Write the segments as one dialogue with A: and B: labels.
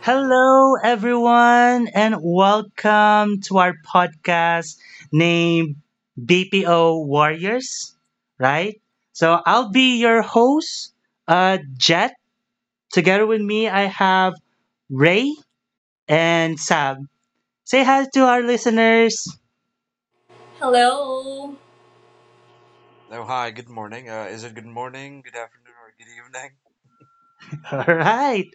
A: Hello, everyone, and welcome to our podcast named BPO Warriors, right? So I'll be your host, Jet. Together with me, I have Ray and Sam. Say hi to our listeners.
B: Hello.
C: Oh, hi, good morning. Is it good morning, good afternoon, or good evening?
A: All right.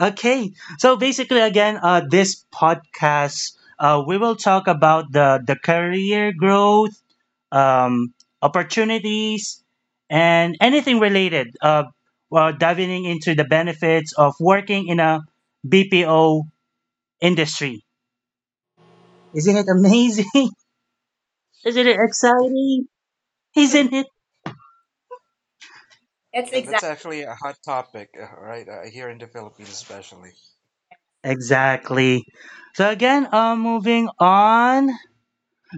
A: Okay. So basically, again, this podcast, we will talk about the career growth um, opportunities, and anything related. While diving into the benefits of working in a BPO industry. Isn't it amazing? Isn't it exciting? Isn't it?
B: That's
C: That's
B: exact.
C: actually a hot topic, right? Here in the Philippines, especially.
A: Exactly. So again, moving on.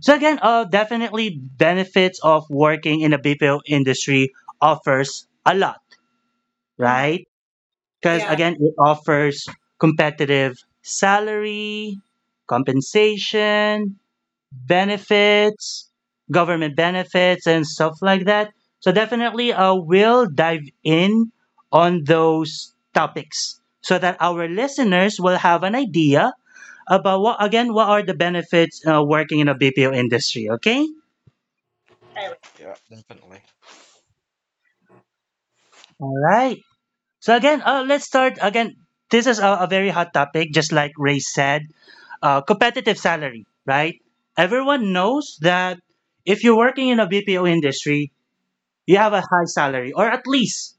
A: So again, definitely benefits of working in the BPO industry offers a lot,
B: Mm.
A: right? Because
B: Yeah.
A: again, it offers competitive salary, compensation benefits, government benefits, and stuff like that. So definitely, we'll dive in on those topics so that our listeners will have an idea about what, again, what are the benefits, working in a bpo industry. Okay.
C: Yeah, definitely.
A: All right. So again, let's start. Again, this is a very hot topic, just like Ray said. Competitive salary, right? Everyone knows that if you're working in a BPO industry, you have a high salary or at least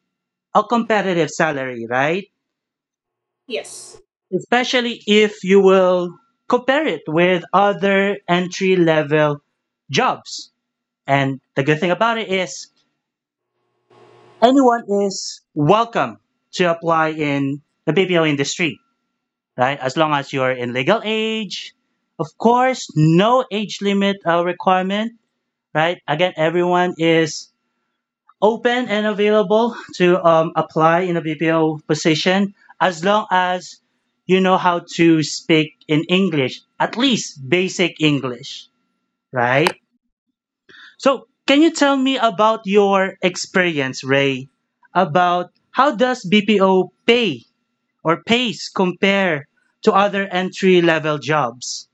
A: a competitive salary, right?
B: Yes.
A: Especially if you will compare it with other entry level jobs. And the good thing about it is anyone is welcome to apply in the BPO industry, right? As long as you're in legal age, of course, no age limit, requirement, right? Again, everyone is open and available to apply in a BPO position as long as you know how to speak in English, at least basic English, right? So, can you tell me about your experience, Ray, about how does BPO pay or pays compare to other entry level jobs?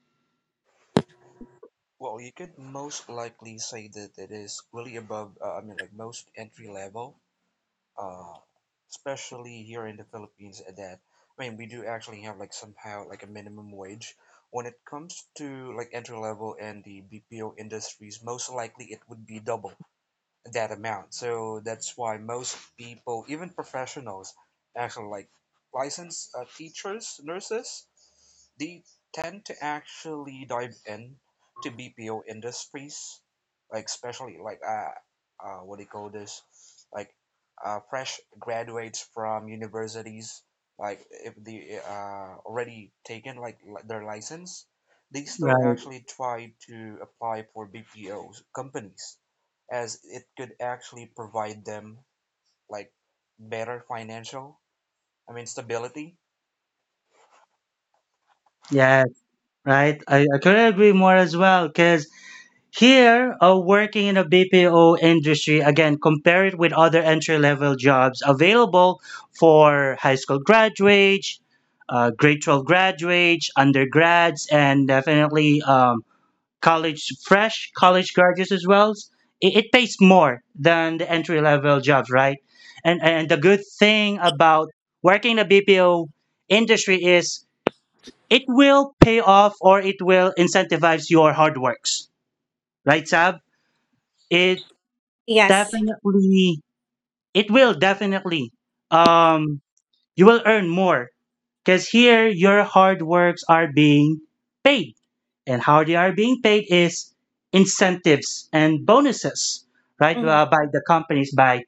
C: Well, you could most likely say that it is really above, I mean, like most entry level, uh, especially here in the Philippines, that, I mean, we do actually have like somehow like a minimum wage. When it comes to like entry level and the BPO industries, most likely it would be double that amount. So that's why most people, even professionals, actually like licensed teachers, nurses, they tend to actually dive in to BPO industries, like especially like what do you call this, like fresh graduates from universities, like if they already taken like their license, they still
A: Right.
C: actually try to apply for BPO companies as it could actually provide them like better financial, I mean, stability.
A: Yeah. Right. I couldn't agree more as well because here, working in a BPO industry, again, compare it with other entry level jobs available for high school graduates, grade 12 graduates, undergrads, and definitely college, fresh college graduates as well. It pays more than the entry level jobs, right? And the good thing about working in the BPO industry is it will pay off or it will incentivize your hard works, right, Sab? It
B: Yes.
A: definitely it will definitely um you will earn more because here your hard works are being paid, and how they are being paid is incentives and bonuses, right?
B: Mhm.
A: By the companies, by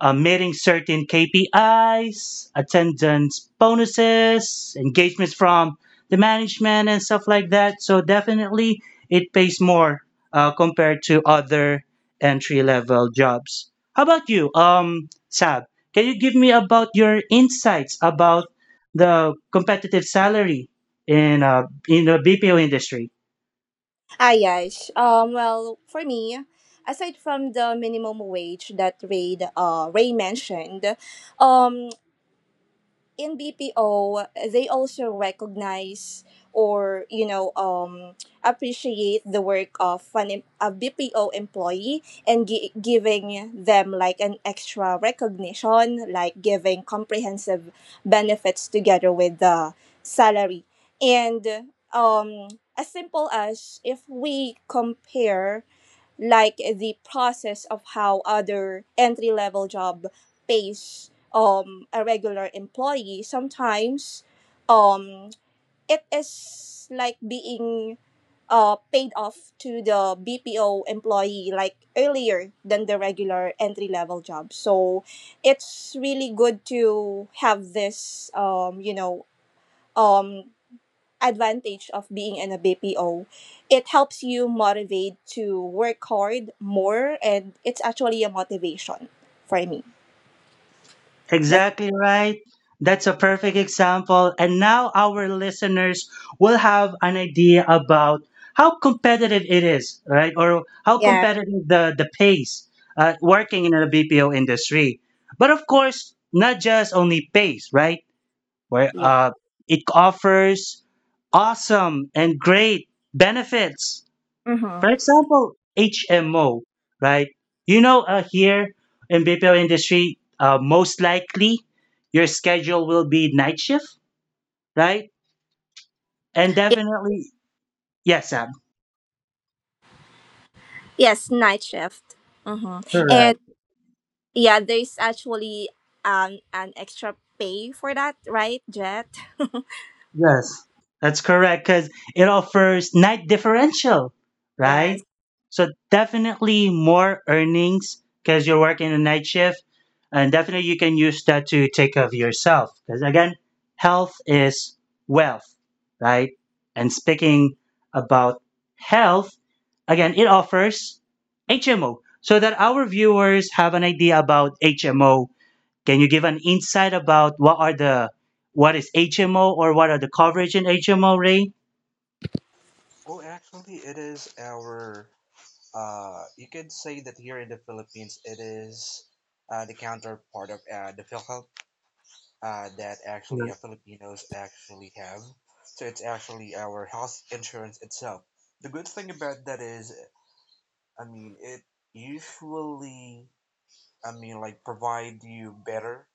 A: meeting certain KPIs, attendance bonuses, engagements from the management, and stuff like that. So definitely, it pays more, compared to other entry level jobs. How about you, Sab? Can you give me about your insights about the competitive salary in the BPO industry?
B: Ah, yes. For me, aside from the minimum wage that Ray mentioned, um, in BPO, they also recognize or appreciate the work of a BPO employee and giving them like an extra recognition, like giving comprehensive benefits together with the salary. And um, as simple as if we compare like the process of how other entry level job pays a regular employee sometimes um it is like being paid off to the BPO employee like earlier than the regular entry level job, so it's really good to have this um advantage of being in a BPO. It helps you motivate to work hard more, and it's actually a motivation for me. That's
A: Exactly right. That's a perfect example. And now our listeners will have an idea about how competitive it is, right? Or how
B: yeah,
A: competitive the pace, working in the BPO industry. But of course, not just only pace, right? Where,
B: yeah.
A: it offers awesome and great benefits,
B: Mm-hmm.
A: for example, HMO, right? You know, here in BPO industry, most likely your schedule will be night shift, right? And definitely, yes, Sam.
B: Yes, night shift. Mm-hmm. And
A: Correct.
B: yeah, there's actually an extra pay for that, right, Jet?
A: Yes, that's correct because it offers night differential,
B: Yes.
A: right? So definitely more earnings because you're working a night shift, and definitely you can use that to take care of yourself because again, health is wealth, right? And speaking about health, again, it offers HMO so that our viewers have an idea about HMO. Can you give an insight about what are the what is HMO or what are the coverage in HMO, Ray?
C: Well, actually, it is you could say that here in the Philippines, it is the counterpart of the PhilHealth that actually
A: Right.
C: Filipinos actually have. So it's actually our health insurance itself. The good thing about that is, I mean, it usually, I mean, like provide you better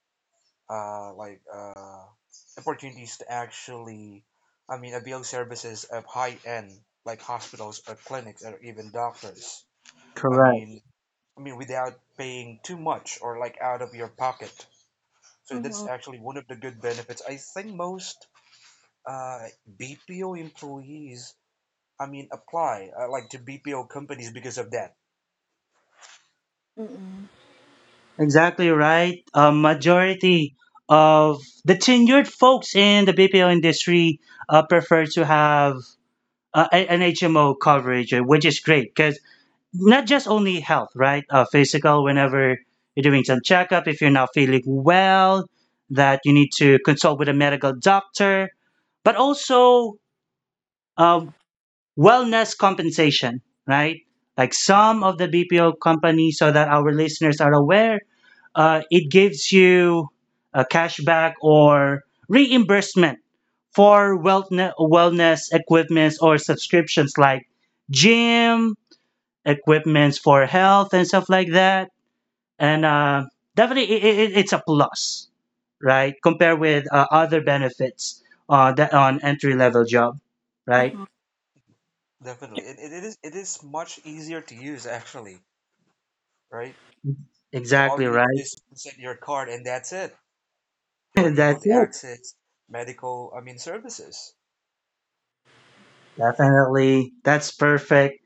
C: like opportunities to actually, I mean, avail services of high end like hospitals or clinics or even doctors. I
A: Correct.
C: mean, I mean, without paying too much or like out of your pocket. So that's
B: Mm-hmm.
C: actually one of the good benefits. I think most uh, BPO employees, I mean, apply like to BPO companies because of that.
B: Mm-hmm.
A: Exactly right. A majority of the tenured folks in the BPO industry, prefer to have, an HMO coverage, which is great, not just only health, right? Physical, whenever you're doing some checkup, if you're not feeling well, that you need to consult with a medical doctor, but also, um, wellness compensation, right? Like some of the BPO companies, so that our listeners are aware, it gives you a cashback or reimbursement for wellness equipments or subscriptions like gym, equipments for health and stuff like that. And definitely, it's a plus, right? Compared with, other benefits, that on entry level job, right?
B: Mm-hmm.
C: Definitely, it is much easier to use actually, right? So all
A: Exactly
C: you need to do
A: right.
C: is present your card and that's it. You're able
A: That's
C: to
A: it.
C: access medical, I mean, services.
A: Definitely, that's perfect.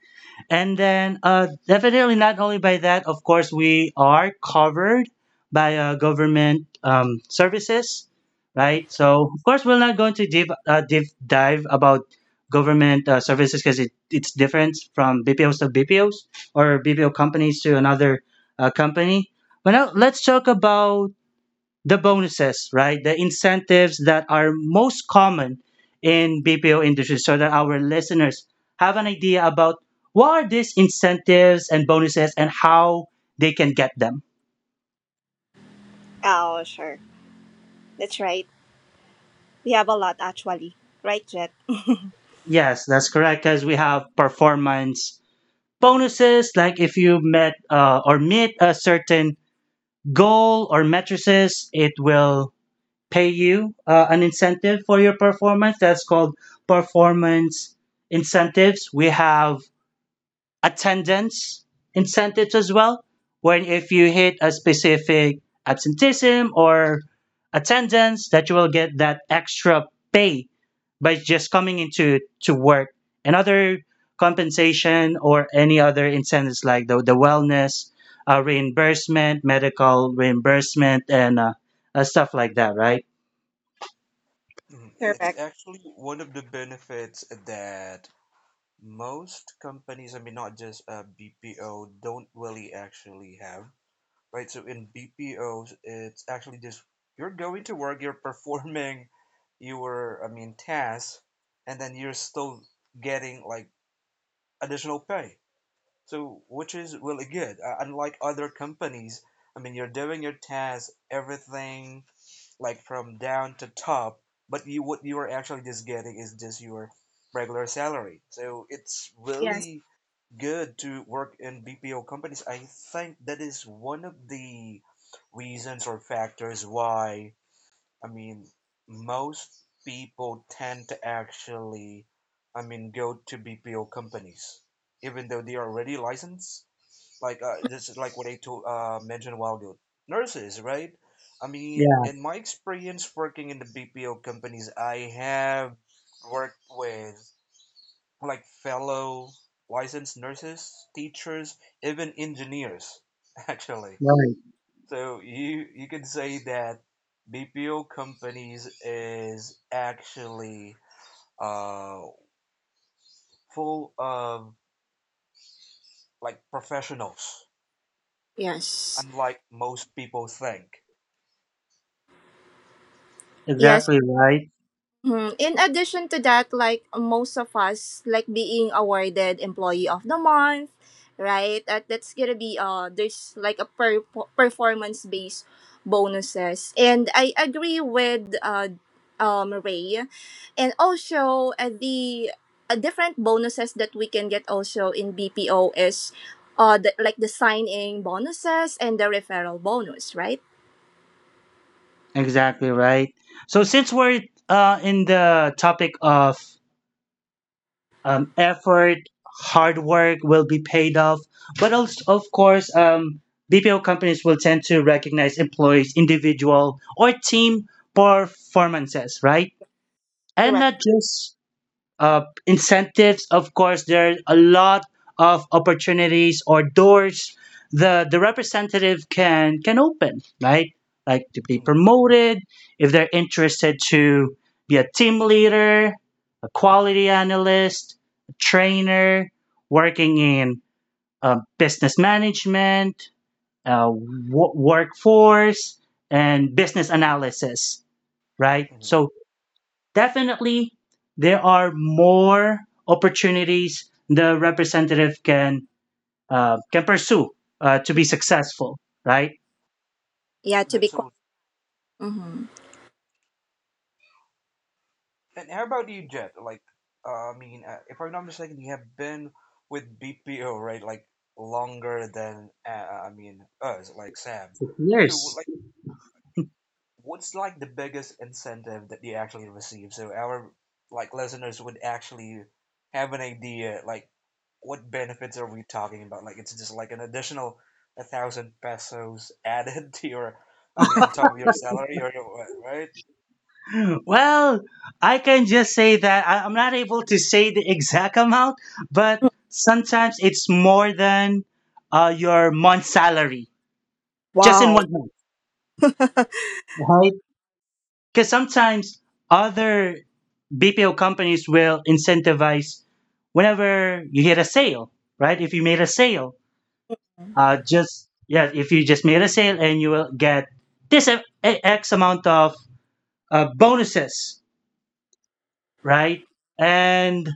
A: And then, definitely not only by that, of course, we are covered by, government, services, right? So, of course, we're not going to deep dive about government, services because it's different from BPOs to BPOs or BPO companies to another, company. But now let's talk about the bonuses, right? The incentives that are most common in BPO industry so that our listeners have an idea about what are these incentives and bonuses and how they can get them.
B: Oh, sure. That's right. We have a lot actually, right, Jet?
A: Yes, that's correct because we have performance bonuses like if you met, or meet a certain goal or matrices, it will pay you, an incentive for your performance. That's called performance incentives. We have attendance incentives as well, where if you hit a specific absenteeism or attendance, that you will get that extra pay by just coming into to work. And other compensation or any other incentives like the wellness, reimbursement, medical reimbursement, and stuff like that, right?
C: Mhm. It's
B: Correct.
C: actually one of the benefits that most companies, I mean, not just BPO, don't really actually have, right? So in BPOs, it's actually just you're going to work, you're performing your, I mean, tasks, and then you're still getting like additional pay. So, which is really good. Unlike other companies, I mean, you're doing your tasks, everything like from down to top, but you what you are actually just getting is just your regular salary. So it's
B: Yes.
C: really good to work in BPO companies. I think that is one of the reasons or factors why I mean most people tend to actually I mean go to BPO companies even though they are already licensed like this is like what I told mentioned a while ago. Nurses, right? I mean,
A: Yeah,
C: in my experience working in the BPO companies, I have worked with like fellow licensed nurses, teachers, even engineers, actually.
A: right.
C: So you could say that BPO companies is actually uh, full of like professionals,
B: Yes.
C: unlike most people think.
B: Yes.
A: Exactly right.
B: Mhm. In addition to that, like most of us, like being awarded employee of the month, right? That's gonna be there's like a performance based bonuses, and I agree with Ray, and also the different bonuses that we can get also in BPO is the, like the signing bonuses and the referral bonus, right?
A: Exactly right. So since we're, in the topic of, effort, hard work will be paid off. But also, of course, BPO companies will tend to recognize employees' individual or team performances, right? And
B: Correct.
A: not just, incentives. Of course, there are a lot of opportunities or doors the representative can open, right? Like to be
C: Mm-hmm.
A: promoted, if they're interested to be a team leader, a quality analyst, a trainer, working in, business management, workforce, and business analysis, right? So definitely there are more opportunities the representative can pursue, to be successful, right?
B: Yeah, to
C: That's
B: be.
C: so.
B: mm
C: And how about you, Jet? Like, I mean, if I'm not mistaken, you have been with BPO, right? Like longer than I mean us, like Sam. So,
A: Yes,
C: like, what's like the biggest incentive that you actually receive? So our like listeners would actually have an idea, like, what benefits are we talking about? Like, it's just like an additional 1,000 pesos added to I mean, on top of your salary, right?
A: well, I can just say that I'm not able to say the exact amount, but sometimes it's more than, your month salary just in
B: Wow.
A: one month, right? Because sometimes other bpo companies will incentivize whenever you hit a sale, right? if you made a sale just Yeah, if you just made a sale, and you will get this x amount of, bonuses, right? And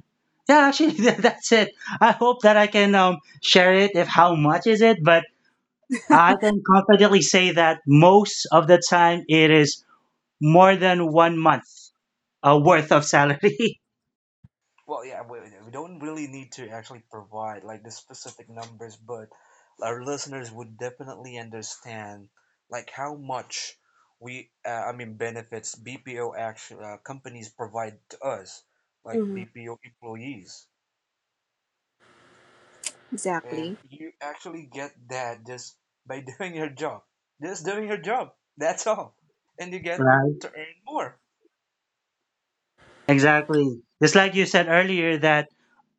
A: yeah, actually that's it. I hope that I can, share it if how much is it, but I can confidently say that most of the time it is more than one month, worth of salary.
C: Well, yeah, we don't really need to actually provide like the specific numbers, but our listeners would definitely understand like how much I mean, benefits BPO actually companies provide to us, like
B: Mhm.
C: BPO employees. And
B: Exactly.
C: you actually get that just by doing your job, just doing your job. That's all. And you get
A: Right.
C: to earn more.
A: Exactly. Just like you said earlier that,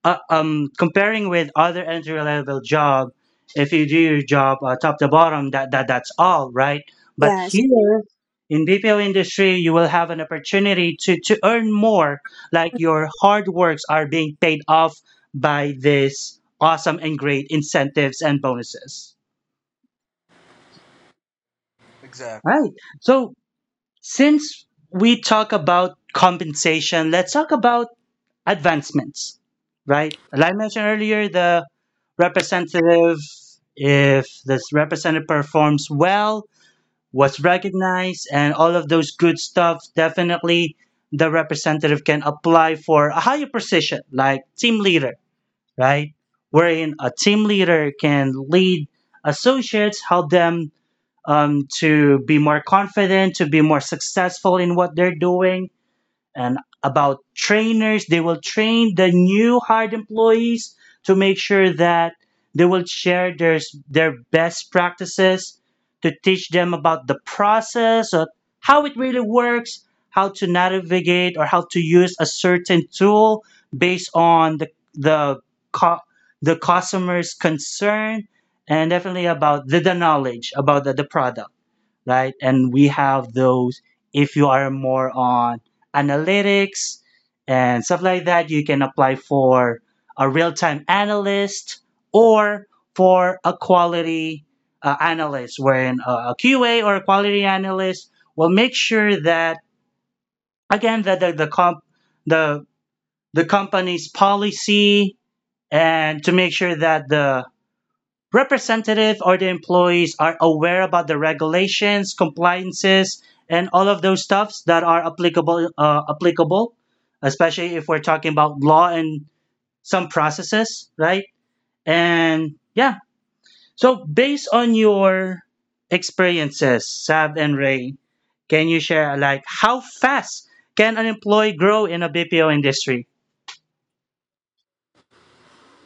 A: comparing with other entry level job, if you do your job, top to bottom, that's all right, but
B: Yes.
A: here in bpo industry you will have an opportunity to earn more, like your hard works are being paid off by this awesome and great incentives and bonuses,
C: Exactly.
A: right? So since we talk about compensation, let's talk about advancements, right? Like I mentioned earlier, the representative if this representative performs well, was recognized, and all of those good stuff, definitely the representative can apply for a higher position like team leader, right? Wherein a team leader can lead associates, help them, to be more confident, to be more successful in what they're doing. And about trainers, they will train the new hired employees to make sure that they will share their best practices, to teach them about the process of how it really works, how to navigate or how to use a certain tool based on the co- the customer's concern, and definitely about the knowledge about the product, right? And we have those, if you are more on analytics and stuff like that, you can apply for a real time analyst or for a quality, analyst, wherein a QA or a quality analyst will make sure that, again, that the, the company's policy, and to make sure that the representative or the employees are aware about the regulations, compliances, and all of those stuffs that are applicable, applicable, especially if we're talking about law and some processes, right? And yeah, so based on your experiences, Sab and Ray, can you share like how fast can an employee grow in a BPO industry?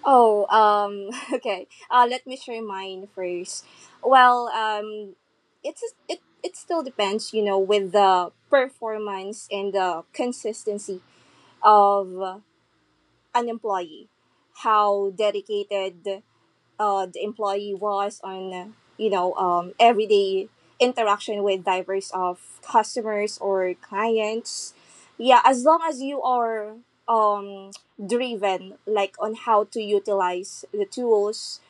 B: Oh, okay. Let me share mine first. Well, um, it's it still depends, you know, with the performance and the consistency of an employee, how dedicated the employee was on everyday interaction with diverse of customers or clients, yeah, as long as you are um, driven like on how to utilize the tools,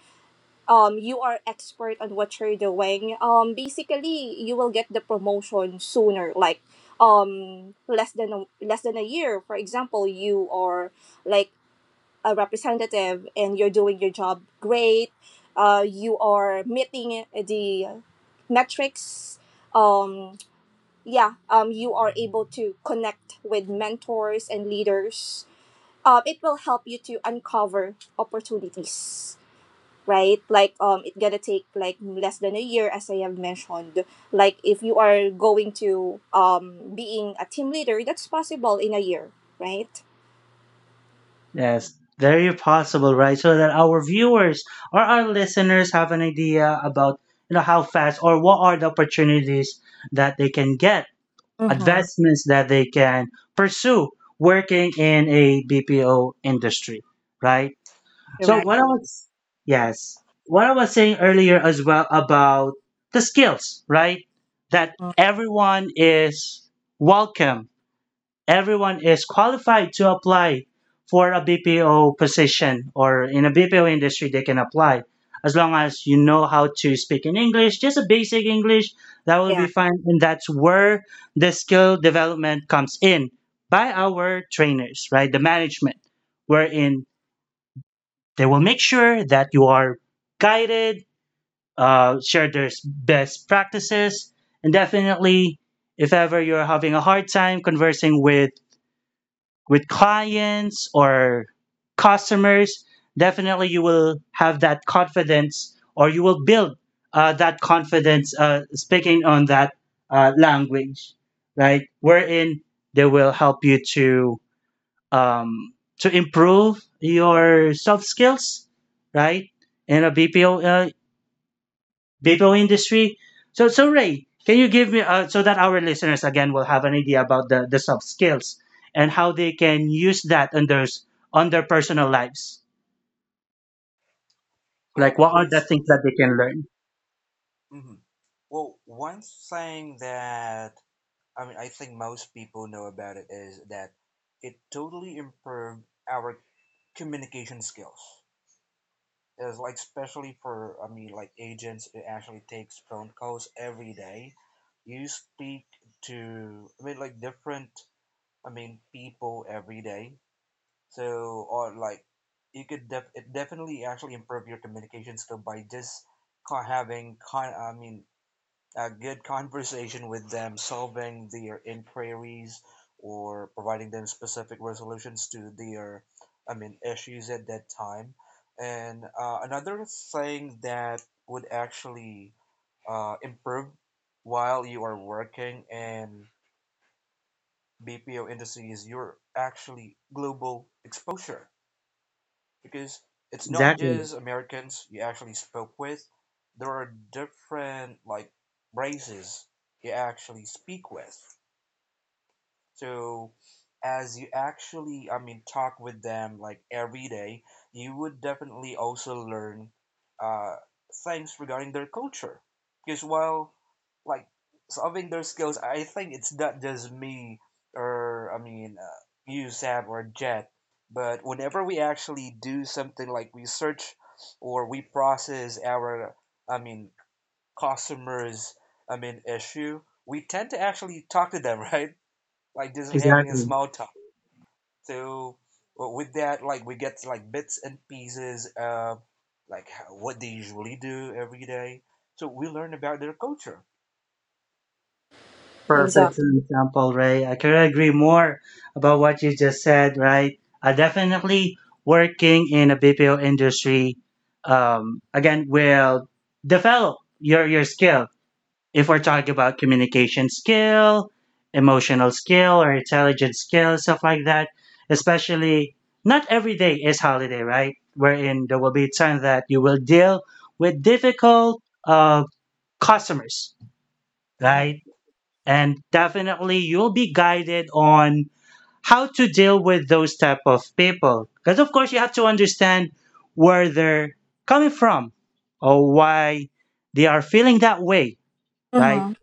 B: you are expert on what you're doing. Basically you will get the promotion sooner, like less than a year. For example, you are like a representative and you're doing your job great. You are meeting the metrics. Um, yeah, you are able to connect with mentors and leaders. It will help you to uncover opportunities, right? Like it's gonna take like less than a year, as I have mentioned. Like if you are going to being a team leader, that's possible in a year, right?
A: Yes, very possible, right? So that our viewers or our listeners have an idea about how fast or what are the opportunities that they can get,
B: Mm,
A: advancements that they can pursue working in a BPO industry, right? So
B: correct.
C: Yeah.
A: what I was yes, what I was saying earlier as well about the skills, right? That
B: Mm,
A: everyone is welcome, everyone is qualified to apply for a BPO position or in a BPO industry, they can apply. As long as you know how to speak in English, just a basic English, that will be
B: yeah,
A: fine. And that's where the skill development comes in by our trainers, right? The management, wherein they will make sure that you are guided, share their best practices, and definitely, if ever you're having a hard time conversing with clients or customers, definitely you will have that confidence, or you will build that confidence speaking on that language, right? Wherein they will help you um, to improve your soft skills, right? In a BPO industry. So Ray, can you give me so that our listeners again will have an idea about the soft skills and how they can use that on their on their personal lives? Like,
C: Well,
A: what are the things that
C: basically,
A: they can learn?
C: hmm well, one thing that I mean, I think most people know about it is that it totally improved our communication skills. It's like especially for I mean, like agents it actually takes phone calls every day. You speak to I mean, like different I mean people every day. So or like you could it definitely actually improve your communication skill by just having I mean a good conversation with them, solving their inquiries or providing them specific resolutions to their, I mean, issues at that time. And another thing that would actually improve while you are working in BPO industry is your actually global exposure because it's not
A: Exactly,
C: just Americans you actually spoke with. There are different like races you actually speak with. So, as you actually, I mean, talk with them like every day, you would definitely also learn uh, things regarding their culture. Because while like solving their skills, I think it's not just me or I mean you, Sam or Jet, but whenever we actually do something like we search or we process our, I mean, customers, I mean, issue, we tend to actually talk to them, right? Like just having a
A: exactly.
C: small talk. So well, with that, like we get like bits and pieces of like what they usually do every day. So we learn about their culture.
A: Perfect
B: exactly.
A: example, Ray. I couldn't agree more about what you just said. Right, I definitely working in a BPO industry. Again, will develop your skill if we're talking about communication skill, emotional skill, or intelligence skill, stuff like that, especially not every day is holiday, right? Wherein there will be time that you will deal with difficult customers,
C: hmm
A: right? And definitely you'll be guided on how to deal with those type of people. Because of course you have to understand where they're coming from or why they are feeling that way, right?
B: Mm-hmm.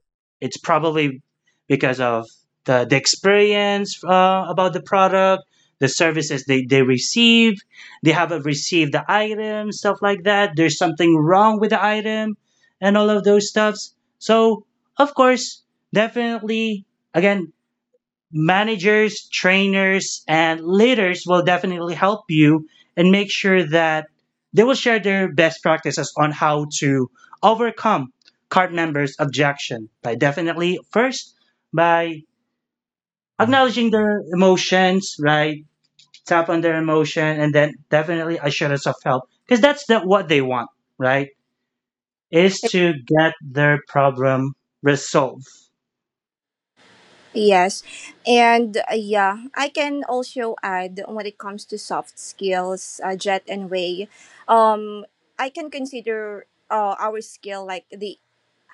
A: It's probably because of the experience about the product, the services they receive, they haven't received the item, stuff like that. There's something wrong with the item and all of those stuffs. So, of course, definitely, again, managers, trainers, and leaders will definitely help you and make sure that they will share their best practices on how to overcome card members' objection by definitely first by acknowledging their emotions, right? Tap on their emotion and then definitely assurance of help because that's what they want, right? Is to get their problem resolved.
B: Yes. And yeah, I can also add when it comes to soft skills, Jet and Way, um, I can consider our skill like the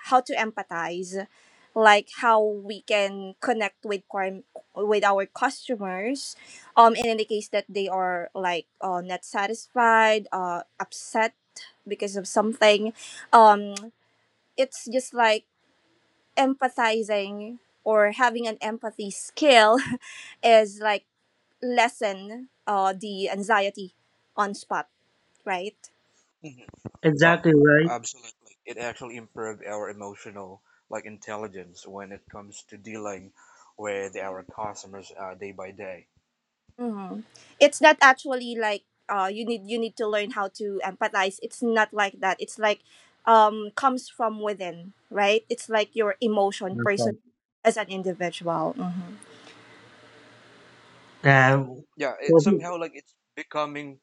B: how to empathize, like how we can connect with with our customers, and in the case that they are like not satisfied, upset because of something, um, it's just like empathizing or having an empathy skill is like lessen the anxiety on spot, right?
C: hmm
A: Exactly
C: Oh, absolutely. It actually improved our emotional like intelligence when it comes to dealing with our customers day by day.
B: hmm it's not actually like you need to learn how to empathize. It's not like that. It's like comes from within, right? It's like your emotion person
A: right.
B: as an individual. Mm-hmm.
A: Perfect.
C: Yeah, it somehow like it's becoming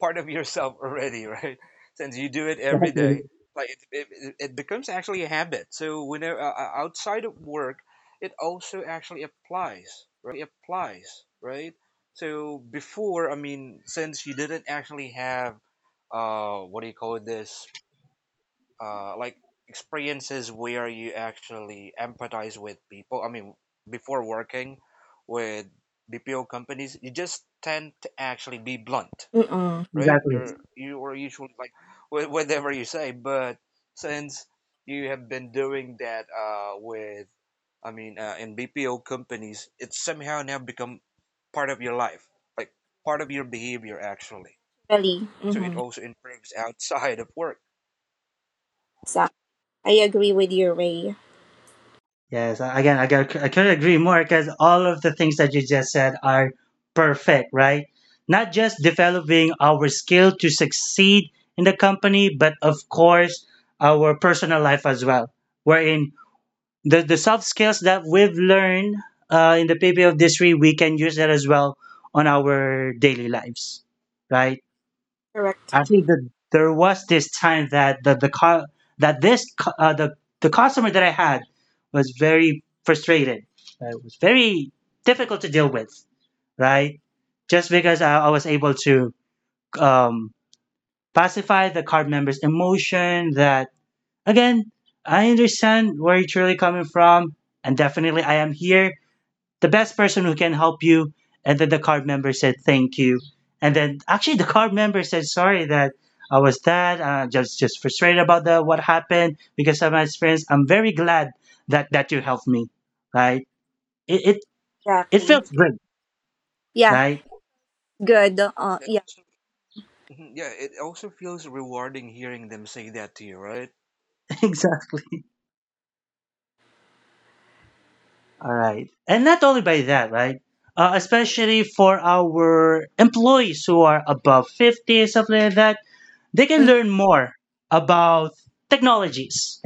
C: part of yourself already, right? Since you do it every
A: Uh,
C: day, like it becomes actually a habit. So whenever outside of work, it also actually applies, right? So before, I mean, since you didn't actually have, what do you call this? Like experiences where you actually empathize with people. I mean, before working with BPO companies, you just tend to actually be blunt,
B: Mm-mm.
C: right?
A: Exactly.
C: You are usually like straightforward with whatever you say, but since you have been doing that with, I mean, in BPO companies, it's somehow now become part of your life, like part of your behavior actually.
B: Really.
C: So it
B: Mm-hmm.
C: also improves outside of work,
B: So I agree with you, Ray.
A: Yes. I couldn't agree more because all of the things that you just said are perfect, right? Not just developing our skill to succeed in the company, but of course, our personal life as well. Wherein the soft skills that we've learned in the PPO of this three, we can use that as well on our daily lives, right?
B: Correct,
A: I think that there was this time that the co- that this cu- the customer that I had was very frustrated. It was very difficult to deal with, right? Just because I was able to um, pacify the card member's emotion. That, again, I understand where you're truly coming from, and definitely I am here the best person who can help you. And then the card member said, thank you. And then actually the card member said, sorry that I was that, just frustrated about what happened because of my experience. I'm very glad that you helped me. Right. It, it, it
B: exactly.
A: felt good.
B: Yeah,
A: Right.
B: good.
C: and
B: Yeah
C: also, Mhm, yeah, it also feels rewarding hearing them say that to you, right?
A: Exactly. All right. And not only by that, right. Especially for our employees who are above 50, something like that, they can
B: Mm-hmm.
A: learn more about technologies,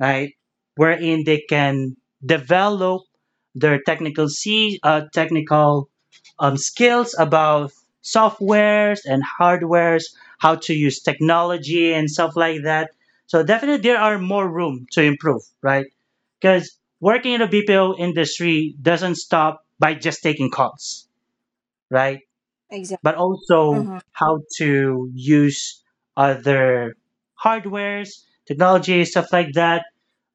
A: right? Wherein they can develop their technical skills about softwares and hardwares, how to use technology and stuff like that. So definitely there are more room to improve, right? Because working in the BPO industry doesn't stop by just taking calls, right?
B: Exactly.
A: But also
B: Mm-hmm.
A: how to use other hardwares, technology, stuff like that.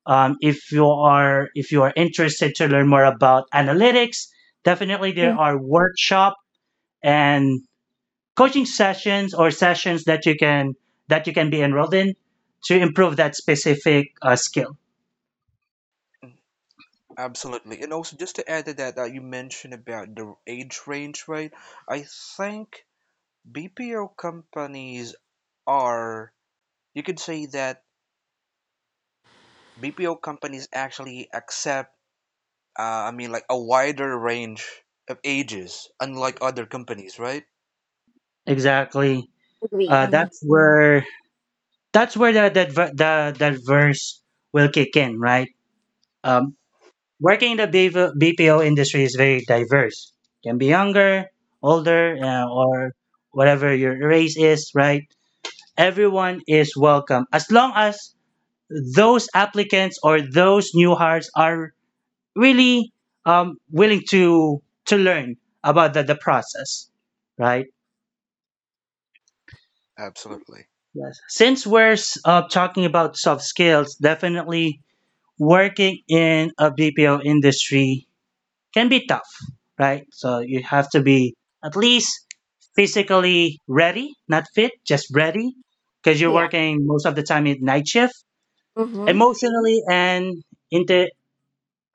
A: If you are interested to learn more about analytics, definitely there are workshop and coaching sessions or sessions that you can be enrolled in to improve that specific skill.
C: Mhm, absolutely, and also just to add to that, you mentioned about the age range, right? I think BPO companies are, you could say that BPO companies actually accept, I mean, like a wider range of ages, unlike other companies, right?
A: Exactly.
B: Agree. Hmm.
A: That's where the verse will kick in, right? Um, Working in the BV BPO industry is very diverse. Can be younger, older, or whatever your race is, right? Everyone is welcome as long as those applicants or those new hires are really willing to learn about the process, right?
C: Absolutely.
A: Yes, since we're talking about soft skills, definitely working in a BPO industry can be tough, right? So you have to be at least physically ready, not fit, just ready, because you're
B: Yeah.
A: working most of the time in night shift,
B: Hmm.
A: emotionally and inte-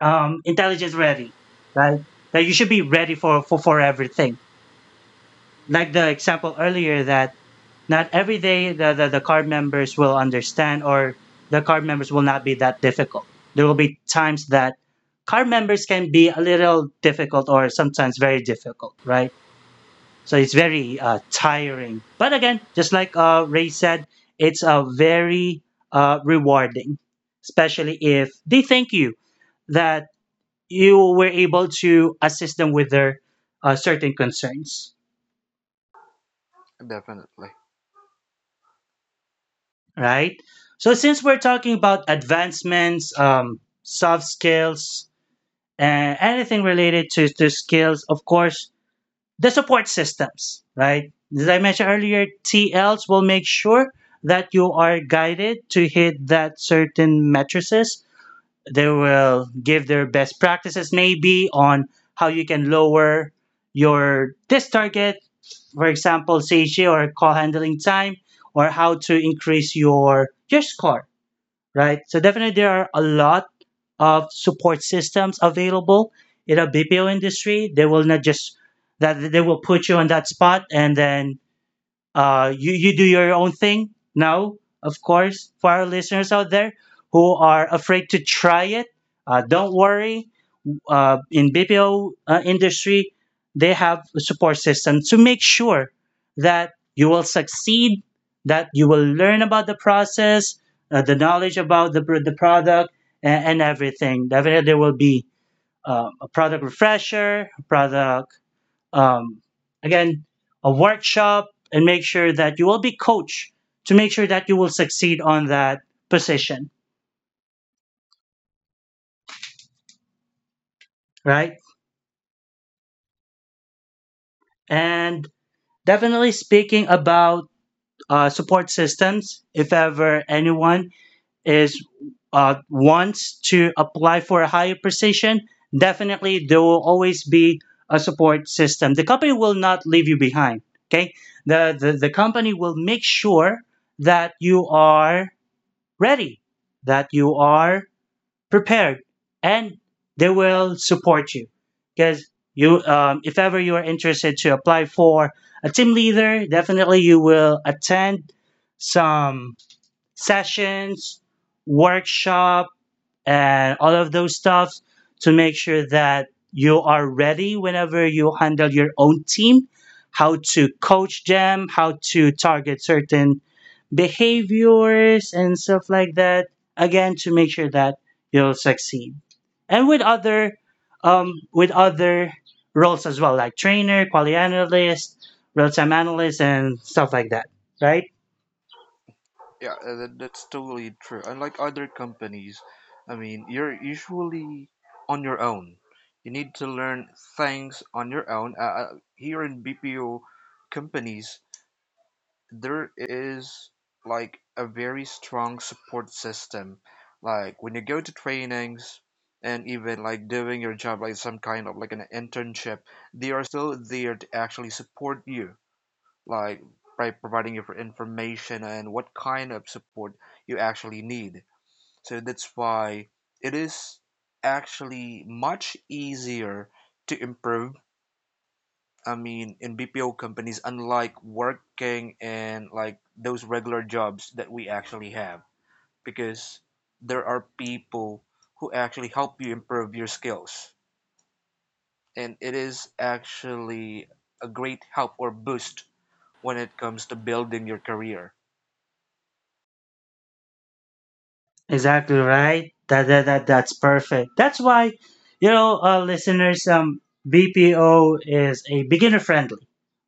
A: intelligence ready, right? That you should be ready for, everything. Like the example earlier that not every day the card members will understand or the card members will not be that difficult. There will be times that card members can be a little difficult or sometimes very difficult, right? So it's very tiring. But again, just like Ray said, it's very rewarding, especially if they thank you that you were able to assist them with their certain concerns,
C: Definitely.
A: right? So since we're talking about advancements, soft skills, and anything related to skills, of course, the support systems, right? As I mentioned earlier, TLs will make sure that you are guided to hit that certain matrices. They will give their best practices maybe on how you can lower your this target, for example, Seiji or call handling time, or how to increase your score, right? So definitely there are a lot of support systems available in a BPO industry. They will not just that they will put you on that spot and then you, you do your own thing. Now, of course, for our listeners out there who are afraid to try it. Don't worry. In BPO uh, industry, they have a support system to make sure that you will succeed, that you will learn about the process, the knowledge about the product, and everything. Definitely, there will be a product refresher, product um, again, a workshop, and make sure that you will be coached to make sure that you will succeed on that position, right? And definitely speaking about support systems, if ever anyone is wants to apply for a higher position, definitely there will always be a support system. The company will not leave you behind. Okay, the company will make sure that you are ready, that you are prepared, and they will support you. Because you, if ever you are interested to apply for a team leader, definitely you will attend some sessions, workshop, and all of those stuff to make sure that you are ready whenever you handle your own team, how to coach them, how to target certain behaviors and stuff like that, again to make sure that you'll succeed and with other roles as well, like trainer, quality analyst, real-time analyst, and stuff like that, right?
C: Yeah, that's totally true. Unlike other companies, I mean, you're usually on your own. You need to learn things on your own. Here in BPO companies, there is like a very strong support system like when you go to trainings and even like doing your job like some kind of like an internship they are still there to actually support you like by providing you for information and what kind of support you actually need so that's why it is actually much easier to improve I mean, in BPO companies, unlike working in like those regular jobs that we actually have, because there are people who actually help you improve your skills. And it is actually a great help or boost when it comes to building your career.
A: Exactly right. That's perfect. That's why, you know, listeners, BPO is a beginner friendly,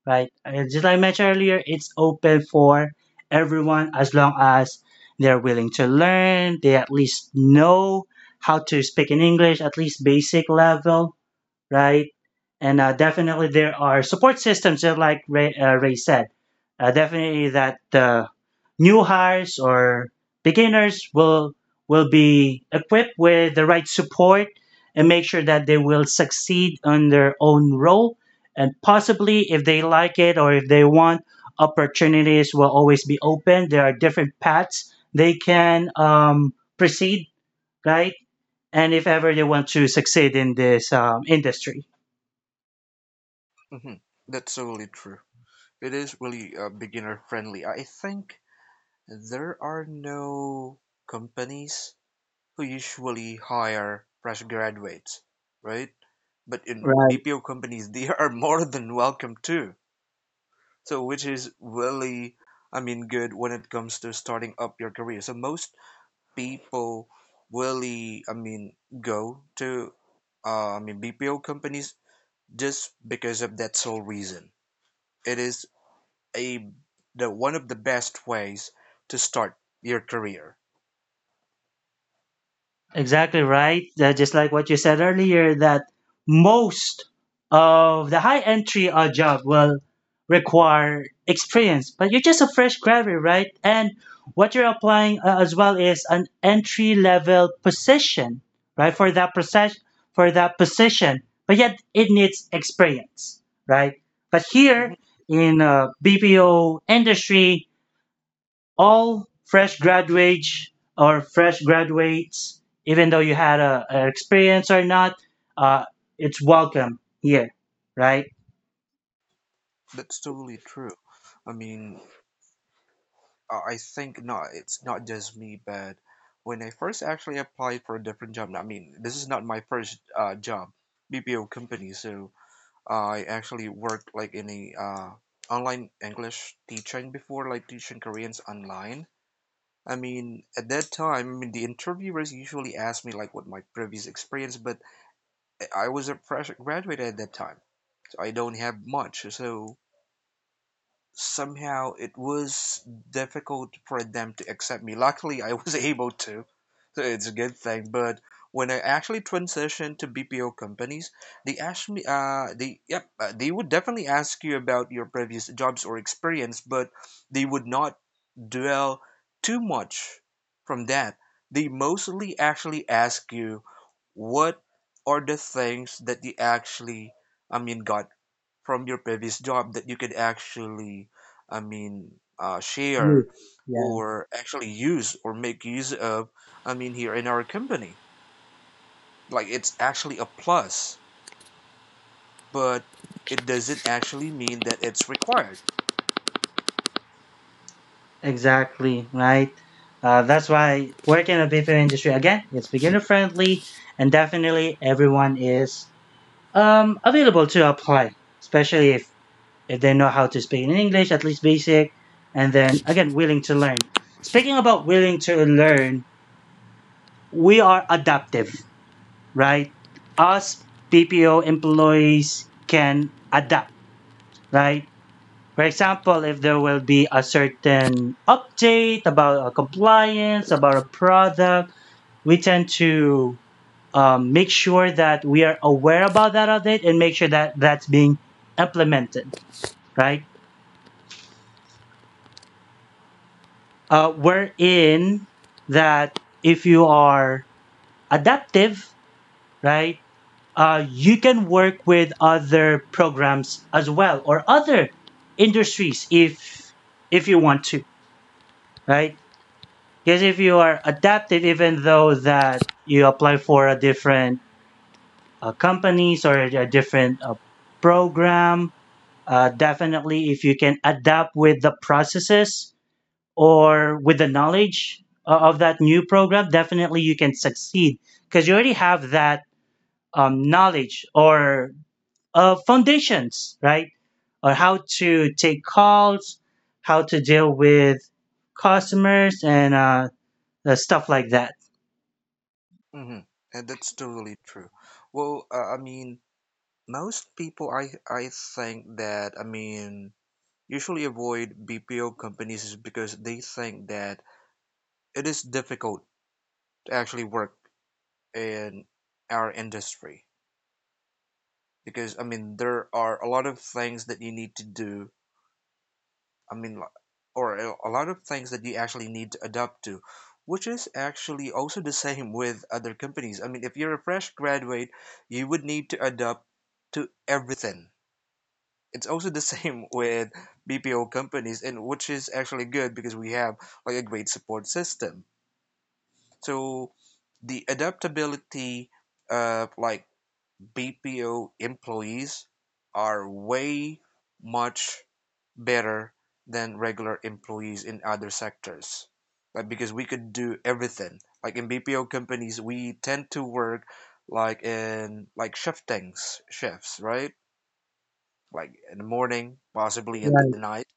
A: right? Just like I mentioned earlier, it's open for everyone as long as they're willing to learn. They at least know how to speak in English, at least basic level, right? And definitely there are support systems, just like Ray, Ray said. Definitely that new hires or beginners will be equipped with the right support and make sure that they will succeed on their own role. And possibly, if they like it or if they want, opportunities will always be open. There are different paths they can proceed, right? And if ever they want to succeed in this industry.
C: hmm That's totally true. It is really beginner friendly. I think there are no companies who usually hire fresh graduates, right? But in
A: Right,
C: BPO companies, they are more than welcome too. So, which is really, I mean, good when it comes to starting up your career. So, most people really, I mean, go to, I mean, BPO companies just because of that sole reason. It is a the one of the best ways to start your career.
A: exactly right. Just like what you said earlier, that most of the high entry job will require experience, but you're just a fresh graduate, right? And what you're applying as well is an entry level position, right? For that process, for that position, but yet it needs experience, right? But
C: hmm
A: here in BPO industry, all fresh graduates or fresh graduates, even though you had a experience or not, uh, it's welcome here, right?
C: That's totally true. I mean, I think not. It's not just me, but when I first actually applied for a different job, I mean, this is not my first job, BPO company. So I actually worked like in a online English teaching before, like teaching Koreans online. I mean, at that time, I mean, the interviewers usually asked me like what my previous experience, but I was a fresh graduate at that time, so I don't have much. So somehow it was difficult for them to accept me. Luckily, I was able to, so it's a good thing. But when I actually transitioned to BPO companies, they asked me, they would definitely ask you about your previous jobs or experience, but they would not dwell too much from that. They mostly actually ask you what are the things that you actually, I mean, got from your previous job that you could actually, I mean,
A: Yes.
C: share
A: Yeah,
C: or actually use or make use of, I mean, here in our company. Like, it's actually a plus, but it doesn't actually mean that it's required.
A: exactly, right? That's why working in the BPO industry again, it's beginner friendly, and definitely everyone is available to apply, especially if they know how to speak in English, at least basic, and then again willing to learn. Speaking about willing to learn, we are adaptive, right? Us PPO employees can adapt, right? For example, if there will be a certain update about a compliance, about a product, we tend to make sure that we are aware about that update and make sure that that's being implemented, right? Wherein that if you are adaptive, right, you can work with other programs as well or other industries if you want to, right? Because if you are adaptive, even though that you apply for a different companies or a different program, definitely if you can adapt with the processes or with the knowledge of that new program, definitely you can succeed because you already have that knowledge or foundations, right? Or how to take calls, how to deal with customers, and stuff like that.
C: hmm And that's totally true. Well, most people, I think that, I mean, usually avoid BPO companies is because they think that it is difficult to actually work in our industry because I mean there are a lot of things that you need to do. I mean, or a lot of things that you actually need to adapt to, which is actually also the same with other companies. I mean, if you're a fresh graduate, you would need to adapt to everything. It's also the same with BPO companies, and which is actually good because we have like a great support system. So the adaptability, like BPO employees are way much better than regular employees in other sectors. Like because we could do everything. Like in BPO companies, we tend to work like in like shifts, right? Like in the morning, possibly in the
A: Right.
C: night,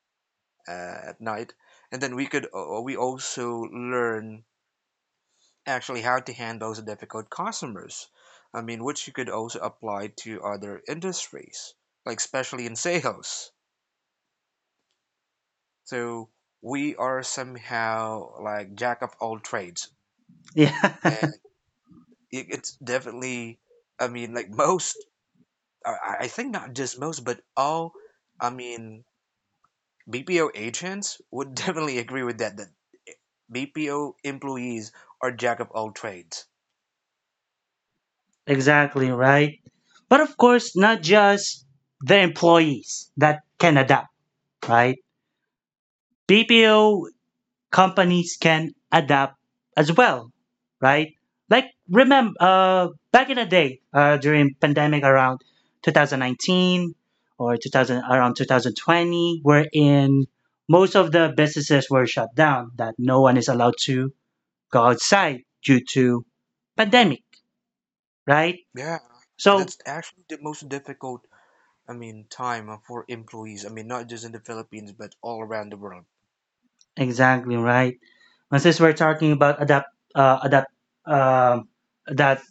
C: at night, and then we could we also learn actually how to handle the difficult customers. I mean, which you could also apply to other industries, like especially in sales. So we are somehow like jack of all trades,
A: Yeah,
C: and it's definitely, I mean, like most, I think not just most, but all, I mean, BPO agents would definitely agree with that. That BPO employees are jack of all trades.
A: exactly, right? But of course, not just the employees that can adapt, right? BPO companies can adapt as well, right? Like, remember back in the day during pandemic, around 2019 or 2000, around 2020, wherein most of the businesses were shut down, that no one is allowed to go outside due to pandemic, right?
C: Yeah, and
A: So
C: that's actually the most difficult I mean, time for employees. I mean, not just in the Philippines, but all around the world.
A: exactly, right. And since we're talking about adapt adapt uh, that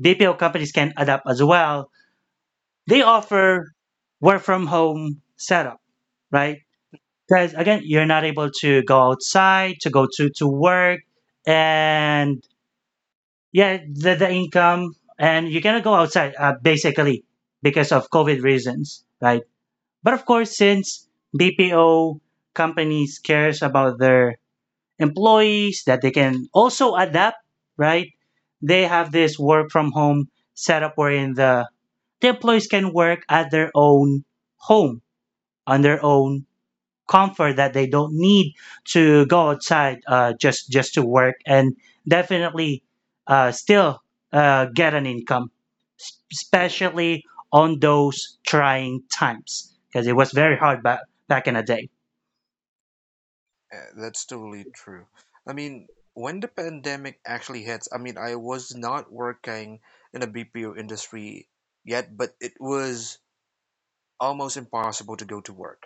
A: BPO companies can adapt as well, they offer work from home setup, right? Because again, you're not able to go outside, to to work, and yeah, the income, and you cannot go outside basically because of COVID reasons, right? But of course, since BPO companies cares about their employees, that they can also adapt, right? They have this work from home setup, wherein the employees can work at their own home, on their own comfort, that they don't need to go outside just to work and definitely still get an income, s-
C: Mhm.
A: especially on those trying times, because it was very hard back in the day.
C: That's totally true. I mean, when the pandemic actually hits, I mean, I was not working in a BPO industry yet, but it was almost impossible to go to work.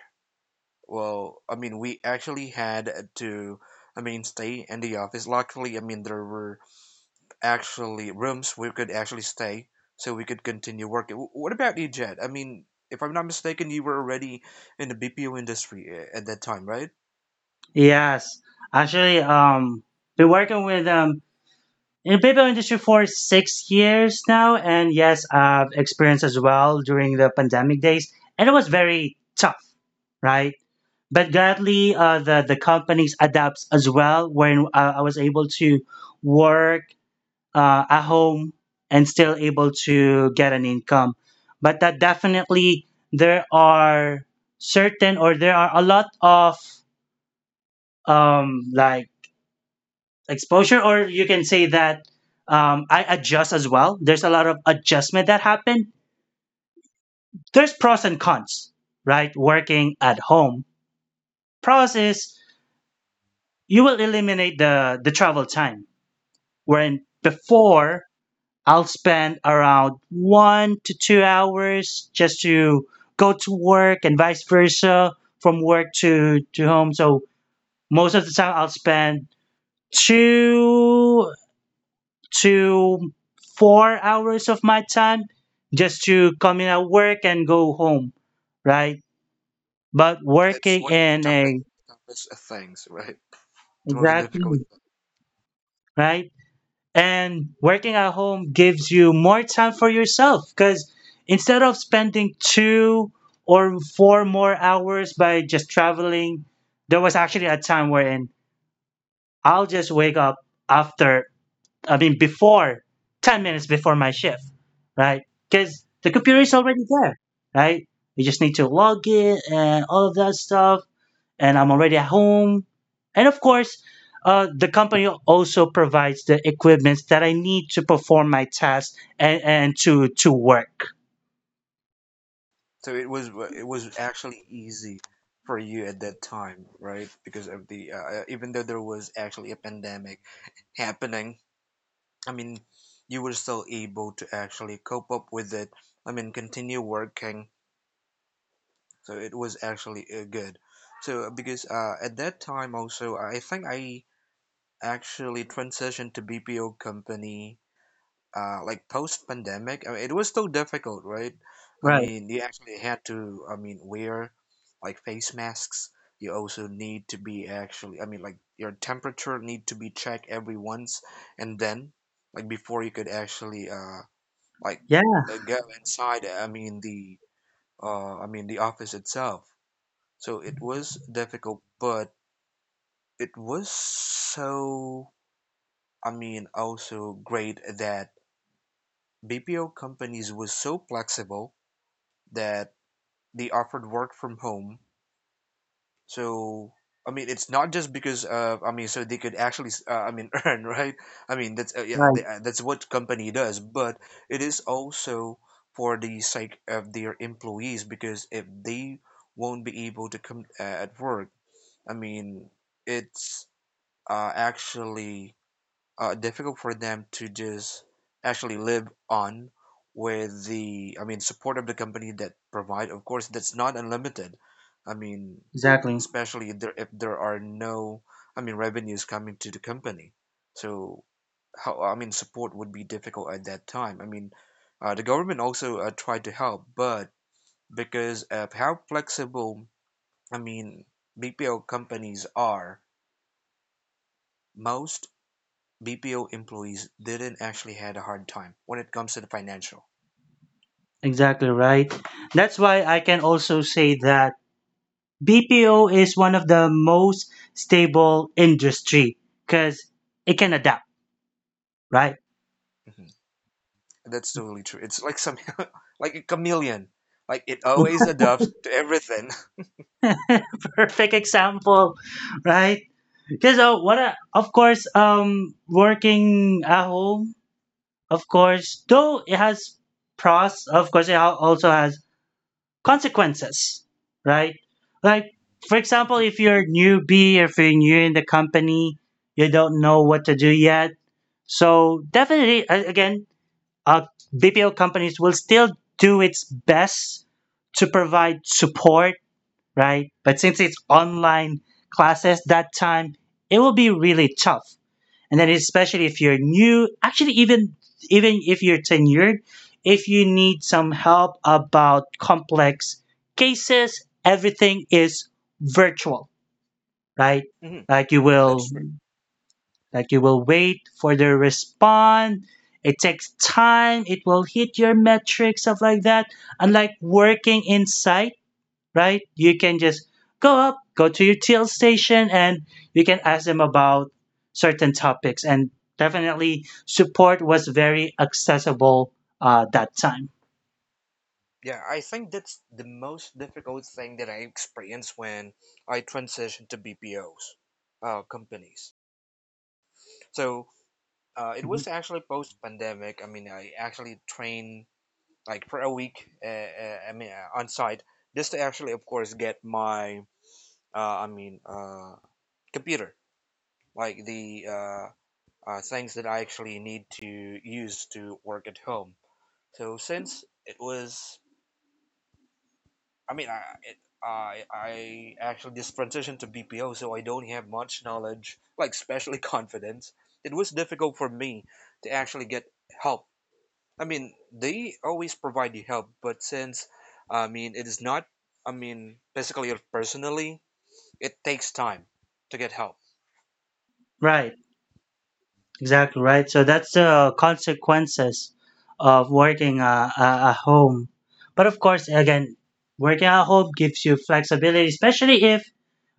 C: Well, I mean, we actually had to, I mean, stay in the office. Luckily, I mean, there were actually rooms we could actually stay so we could continue working. What about you, Jed? I mean, if I'm not mistaken, you were already in the BPO industry at that time, right?
A: Yes, actually, been working with in the paper industry for 6 years now, and yes, I've experienced as well during the pandemic days, and it was very tough, right? But gladly, the companies adapts as well, when I was able to work at home and still able to get an income. But that definitely there are certain or there are a lot of like exposure, or you can say that, I adjust as well. There's a lot of adjustment that happen. There's pros and cons, right? Working at home, pros is you will eliminate the travel time, wherein before I'll spend around 1 to 2 hours just to go to work and vice versa from work to home. So most of the time I'll spend 2 to 4 hours of my time just to come in at work and go home, right? But
C: It's
A: working
C: one of the
A: in
C: toughest,
A: a
C: toughest things, right? The most
A: exactly
C: difficult.
A: right, and working at home gives you more time for yourself, because instead of spending two or four more hours by just traveling, there was actually a time wherein I'll just wake up after before 10 minutes before my shift, right? Because the computer
C: Mhm.
A: is already there, right? You just need to log in and all of that stuff. And I'm already at home. And of course, the company also provides the equipment that I need to perform my task and, to work.
C: So it was actually easy for you at that time, right? Because of the even though there was actually a pandemic happening, I mean, you were still able to actually cope up with it. I mean, continue working so it was actually good so because at that time also I think I actually transitioned to BPO company like post pandemic. I mean, it was still difficult, right? I
A: Right.
C: mean, you actually had to, I mean, wear like face masks. You also need to be actually, I mean, like your temperature need to be checked every once and then like before you could actually like
A: Yeah,
C: go inside, I mean, the I mean the office itself, so it was difficult, but it was so, I mean, also great that BPO companies was so flexible that they offered work from home. So, I mean, it's not just because, I mean, so they could actually, I mean, earn, right? I mean, that's, yeah,
A: right.
C: that's what company does, but it is also for the sake of their employees because if they won't be able to come at work, I mean, it's actually difficult for them to just actually live on with the I mean support of the company that provide, of course that's not unlimited. I mean,
A: Exactly.
C: especially if there are no, I mean, revenues coming to the company, so how I mean support would be difficult at that time. I mean, the government also tried to help, but because of how flexible I mean BPO companies are, most BPO employees didn't actually had a hard time when it comes to the financial.
A: Exactly right. That's why I can also say that BPO is one of the most stable industry because it can adapt, right?
C: Mhm. That's totally true. It's like some like a chameleon. Like it always adapts to everything.
A: Perfect example, right? Because of course, working at home, of course, though it has pros, of course, it also has consequences, right? Like, for example,
C: Mhm.
A: if you're newbie, if you're new in the company, you don't know what to do yet. So definitely, uh, BPO companies will still do its best to provide support, right? But since it's online classes that time, it will be really tough. And then especially if you're new, actually even if you're tenured, if you need some help about complex cases, everything is virtual, right?
C: Mhm.
A: Like,
C: That's true.
A: you will wait for their response. It takes time. It will hit your metrics, stuff like that. Unlike working in site, right? You can just go to your TL station, and you can ask them about certain topics. And definitely, support was very accessible that time.
C: Yeah, I think that's the most difficult thing that I experienced when I transitioned to BPOs companies. So it was actually post pandemic. I mean, I actually trained like for a week. I mean, on site just to actually, of course, get my I mean, computer, like the things that I actually need to use to work at home. So since it was, I mean, I actually just transitioned to BPO, so I don't have much knowledge, like especially confidence. It was difficult for me to actually get help. I mean, they always provide you help, but since I mean, it is not, I mean, basically or personally, it takes time to get help.
A: Right. Exactly right. So that's the consequences of working at home. But of course, again, working at home gives you flexibility, especially if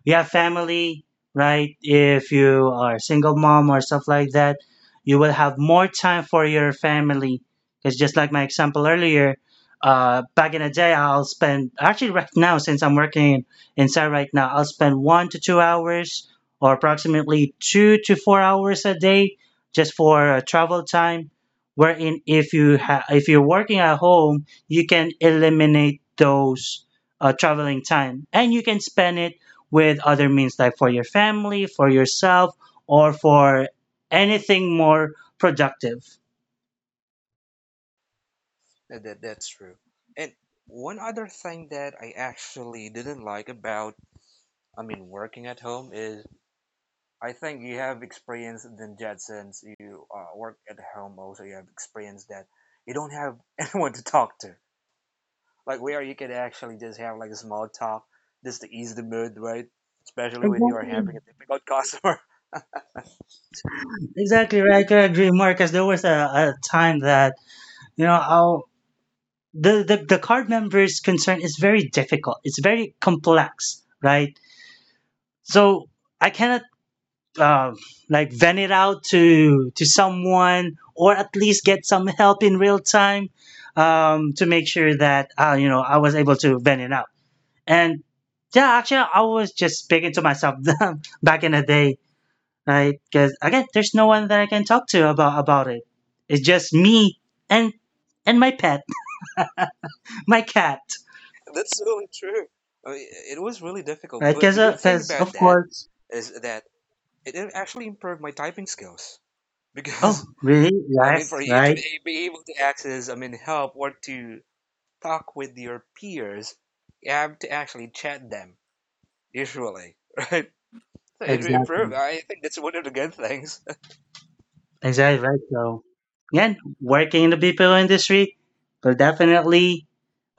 A: you have family, right? If you are single mom or stuff like that, you will have more time for your family. Because just like my example earlier, back in the day, I'll spend actually right now since I'm working inside right now, I'll spend 1 to 2 hours or approximately 2 to 4 hours a day just for travel time. Wherein, if you're working at home, you can eliminate those traveling time and you can spend it with other means, like for your family, for yourself, or for anything more productive.
C: That's true. And one other thing that I actually didn't like about, I mean, working at home is I think you have experience than Jed since you work at home. Also, you have experience that you don't have anyone to talk to, like where you can actually just have like a small talk just to ease the mood, right? Especially when you are
A: Exactly.
C: having a difficult customer.
A: Exactly right. I could agree, Marcus. There was a time that, you know, I'll the, the card members concern is very difficult, it's very complex, right? So I cannot uh, like vent it out to someone, or at least get some help in real time, to make sure that, you know, I was able to vent it out. And yeah, actually I was just speaking to myself back in the day, right? Because again, there's no one that I can talk to about it. It's just me and my pet, my cat.
C: That's so true. I mean, it was really difficult,
A: Right?
C: but
A: Because,
C: the good thing
A: because
C: about
A: of
C: that
A: course.
C: is that it actually improved my typing skills
A: Oh,
C: because
A: really?
C: I mean, for
A: Yes.
C: you to
A: Right.
C: be able to access, I mean, help or to talk with your peers, you have to actually chat them, usually, right? So it
A: Exactly.
C: will I think that's one of the good things.
A: Exactly. Right. So, again, working in the BPO industry will definitely,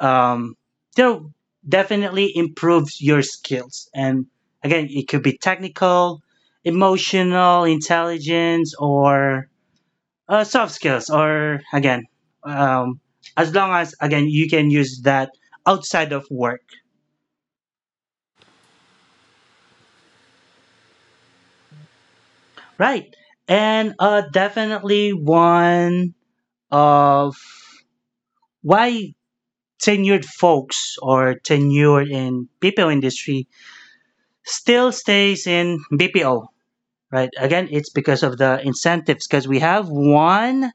A: um, you know, definitely improves your skills. And again, it could be technical, emotional, intelligence, or soft skills. Or again, um, as long as again you can use that outside of work. Right. And definitely one of why tenured folks or tenured in BPO industry still stays in BPO. Right. Again, it's because of the incentives. Because we have one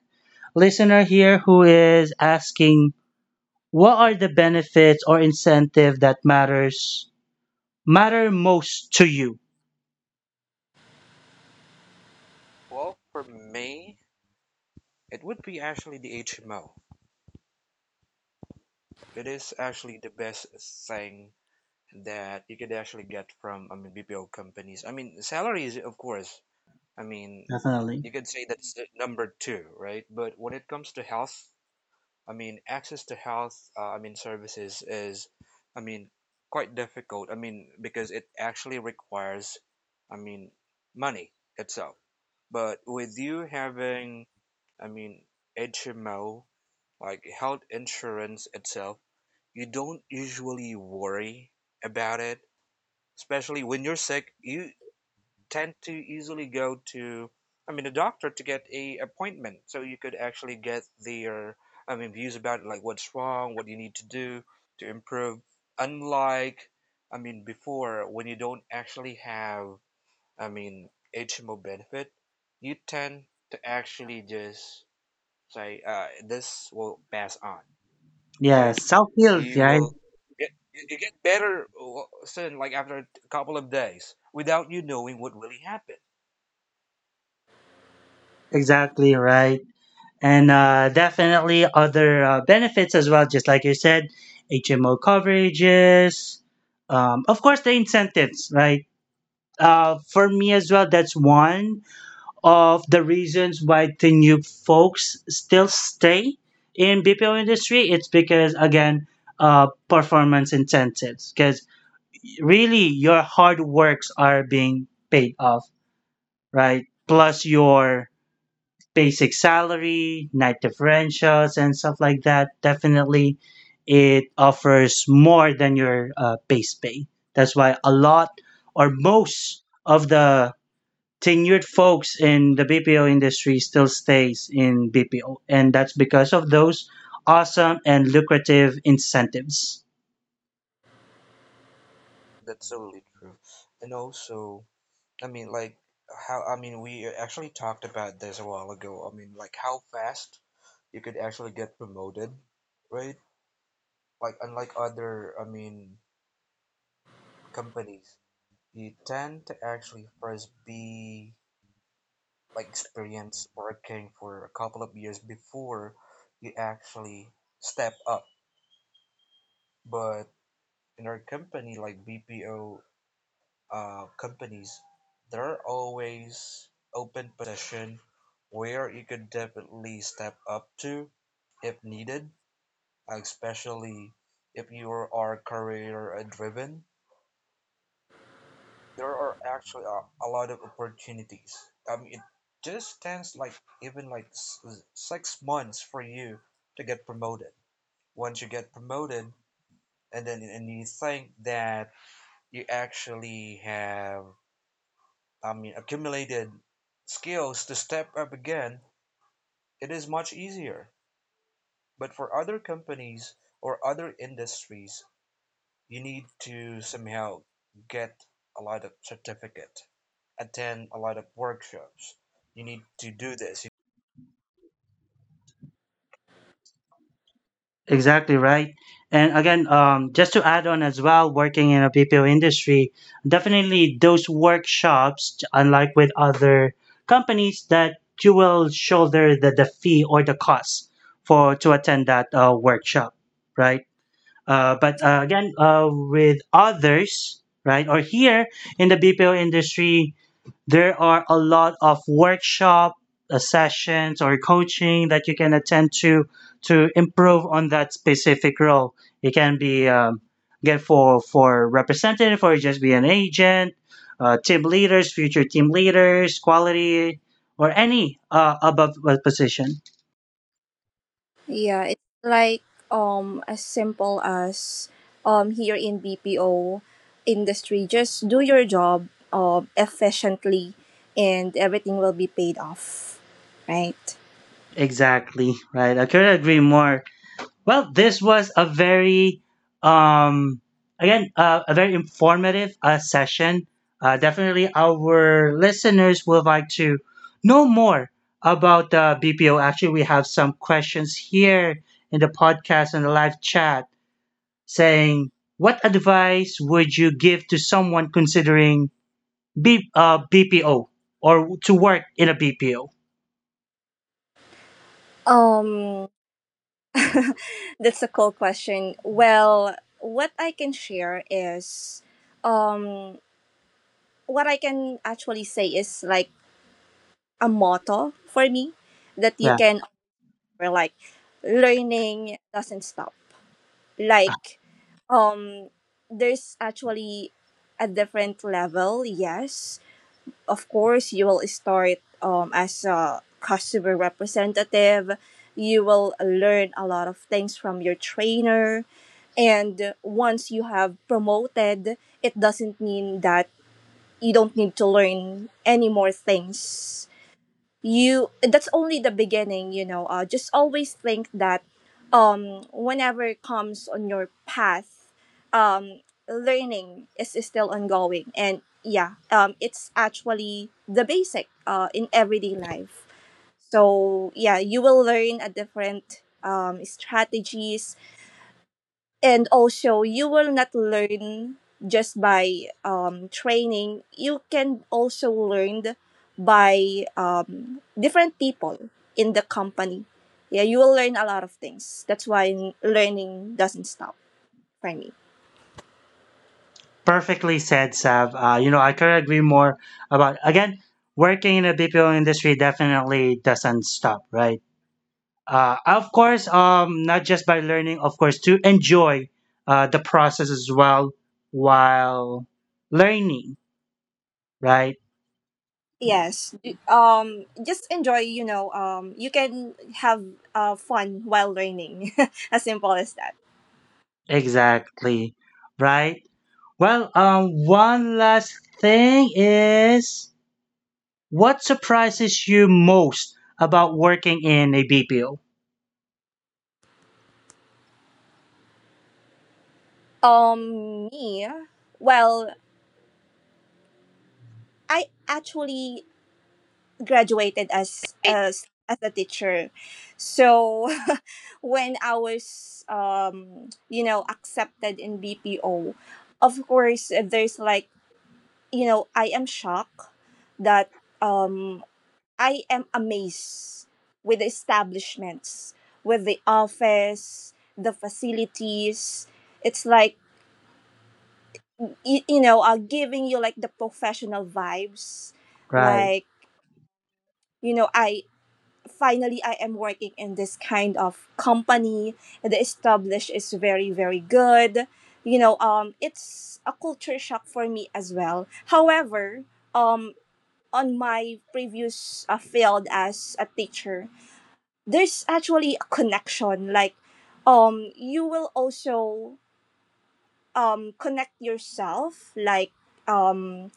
A: listener here who is asking, what are the benefits or incentive that matter most to you?
C: Well, for me, it would be actually the HMO. It is actually the best thing that you could actually get from, I mean, BPO companies. I mean, salaries, of course. I mean,
A: Definitely.
C: you could say that's the number two, right? But when it comes to health, I mean, access to health, I mean, services is, I mean, quite difficult. I mean, because it actually requires, I mean, money itself. But with you having, I mean, HMO, like health insurance itself, you don't usually worry about it. Especially when you're sick, you tend to easily go to, I mean, a doctor to get a appointment, so you could actually get their, I mean, views about it, like what's wrong, what you need to do to improve. Unlike, I mean, before when you don't actually have, I mean, HMO benefit, you tend to actually just say, this will pass on, right?
A: Yes. Self-healed.
C: You
A: Right.
C: will get you get better soon, like after a couple of days, without you knowing what really happened.
A: Exactly. Right. And definitely other benefits as well. Just like you said, HMO coverages, of course the incentives, right? For me as well, that's one of the reasons why the new folks still stay in BPO industry. It's because again, performance incentives. Because really, your hard works are being paid off, right? Plus your basic salary, night differentials, and stuff like that, definitely it offers more than your base pay. That's why a lot or most of the tenured folks in the BPO industry still stays in BPO, and that's because of those awesome and lucrative incentives.
C: That's so totally true. And also, I mean, like, how, I mean, we actually talked about this a while ago. I mean, like, how fast you could actually get promoted, right? Like, unlike other, I mean, companies, you tend to actually first be, like, experienced working for a couple of years before you actually step up. But in our company, like BPO companies, there are always open position where you could definitely step up to if needed, especially if you are career driven. There are actually a lot of opportunities. I mean, it just stands like even like 6 months for you to get promoted. Once you get promoted, and then and you think that you actually have I mean, accumulated skills to step up again, it is much easier. But for other companies or other industries, you need to somehow get a lot of certificate, attend a lot of workshops. You need to do this.
A: Exactly right. And again, just to add on as well, working in a BPO industry, definitely those workshops, unlike with other companies, that you will shoulder the fee or the cost for to attend that workshop, right? But again, with others, right, or here in the BPO industry, there are a lot of workshop sessions or coaching that you can attend to improve on that specific role. It can be again for representative or just be an agent, team leaders, future team leaders, quality or any above position.
D: Yeah, it's like as simple as here in BPO industry, just do your job efficiently and everything will be paid off, right?
A: Exactly right. I could not agree more. Well, this was a very, um, again, a very informative session. Definitely, our listeners would like to know more about BPO. Actually, we have some questions here in the podcast and the live chat saying, what advice would you give to someone considering BPO, or to work in a BPO?
D: Um that's a cool question. Well, what I can share is um what I can actually say is like a motto for me that you
A: Yeah.
D: can offer like learning doesn't stop. Like um there's actually a different level, yes, of course you will start as a customer representative. You will learn a lot of things from your trainer, and once you have promoted, it doesn't mean that you don't need to learn any more things. You that's only the beginning. Just always think that whenever it comes on your path, um learning is still ongoing. And yeah, it's actually the basic in everyday life. So yeah, you will learn a different strategies, and also you will not learn just by training. You can also learn by different people in the company. Yeah, you will learn a lot of things. That's why learning doesn't stop for me.
A: Perfectly said, Sav. You know, I could agree more about again. Working in the BPO industry definitely doesn't stop, right? Of course, not just by learning, of course, to enjoy the process as well while learning, right?
D: Yes, just enjoy. You can have fun while learning. As simple as that.
A: Exactly, right? Well, one last thing is what surprises you most about working in a BPO,
D: Me Well, I actually graduated as a teacher. So when I was you know, accepted in BPO, of course there's like, you know, I am shocked that um I am amazed with the establishments, with the office, the facilities. It's like giving you like the professional vibes.
A: right?
D: Like, you know, I finally, I am working in this kind of company. The established is very, very good. You know, it's a culture shock for me as well. However, um, on my previous field as a teacher, there's actually a connection. Like, you will also connect yourself. Like, um,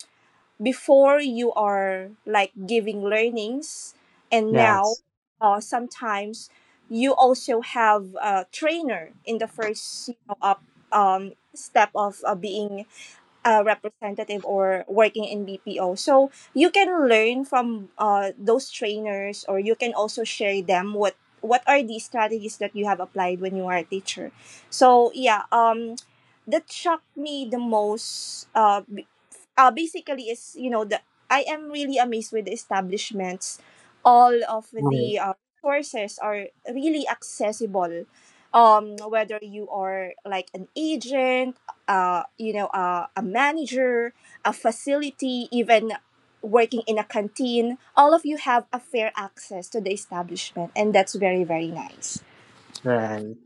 D: before, you are like giving learnings, and now
A: Yes,
D: sometimes you also have a trainer in the first, you know, up step of being a representative or working in BPO, so you can learn from those trainers, or you can also share them what are the strategies that you have applied when you are a teacher. So yeah, that shocked me the most. Basically is, you know, the I am really amazed with the establishments. All of
A: right,
D: the resources are really accessible. Whether you are like an agent, a manager, a facility, even working in a canteen, all of you have a fair access to the establishment, and that's very, very nice.
A: right.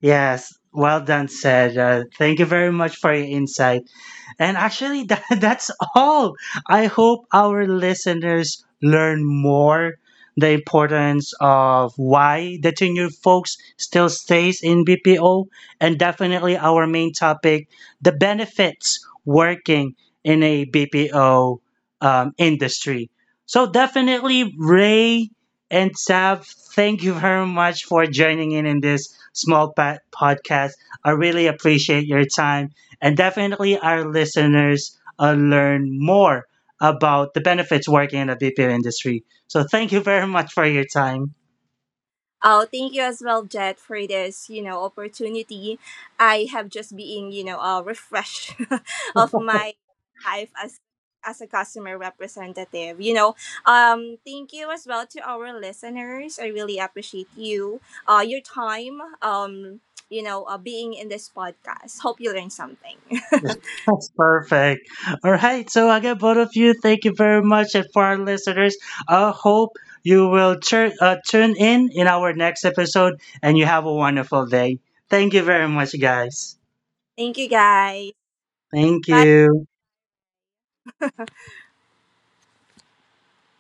A: Yes, well done, said. Thank you very much for your insight. And actually, that, that's all. I hope our listeners learn more the importance of why the tenure folks still stays in BPO, and definitely our main topic, the benefits working in a BPO, industry. So definitely, Ray and Sav, thank you very much for joining in this small podcast. I really appreciate your time, and definitely our listeners learn more about the benefits working in the BPO industry. So thank you very much for your time.
D: Oh, thank you as well, Jet, for this, you know, opportunity. I have just been, you know, refreshed of my life as a customer representative. You know, thank you as well to our listeners. I really appreciate you, your time, being in this podcast. Hope you learned something.
A: That's perfect. All right. So again, both of you, thank you very much. And for our listeners, I hope you will tune in our next episode and you have a wonderful day. Thank you very much, guys.
D: Thank you, guys.
A: Thank
D: Bye.
A: you.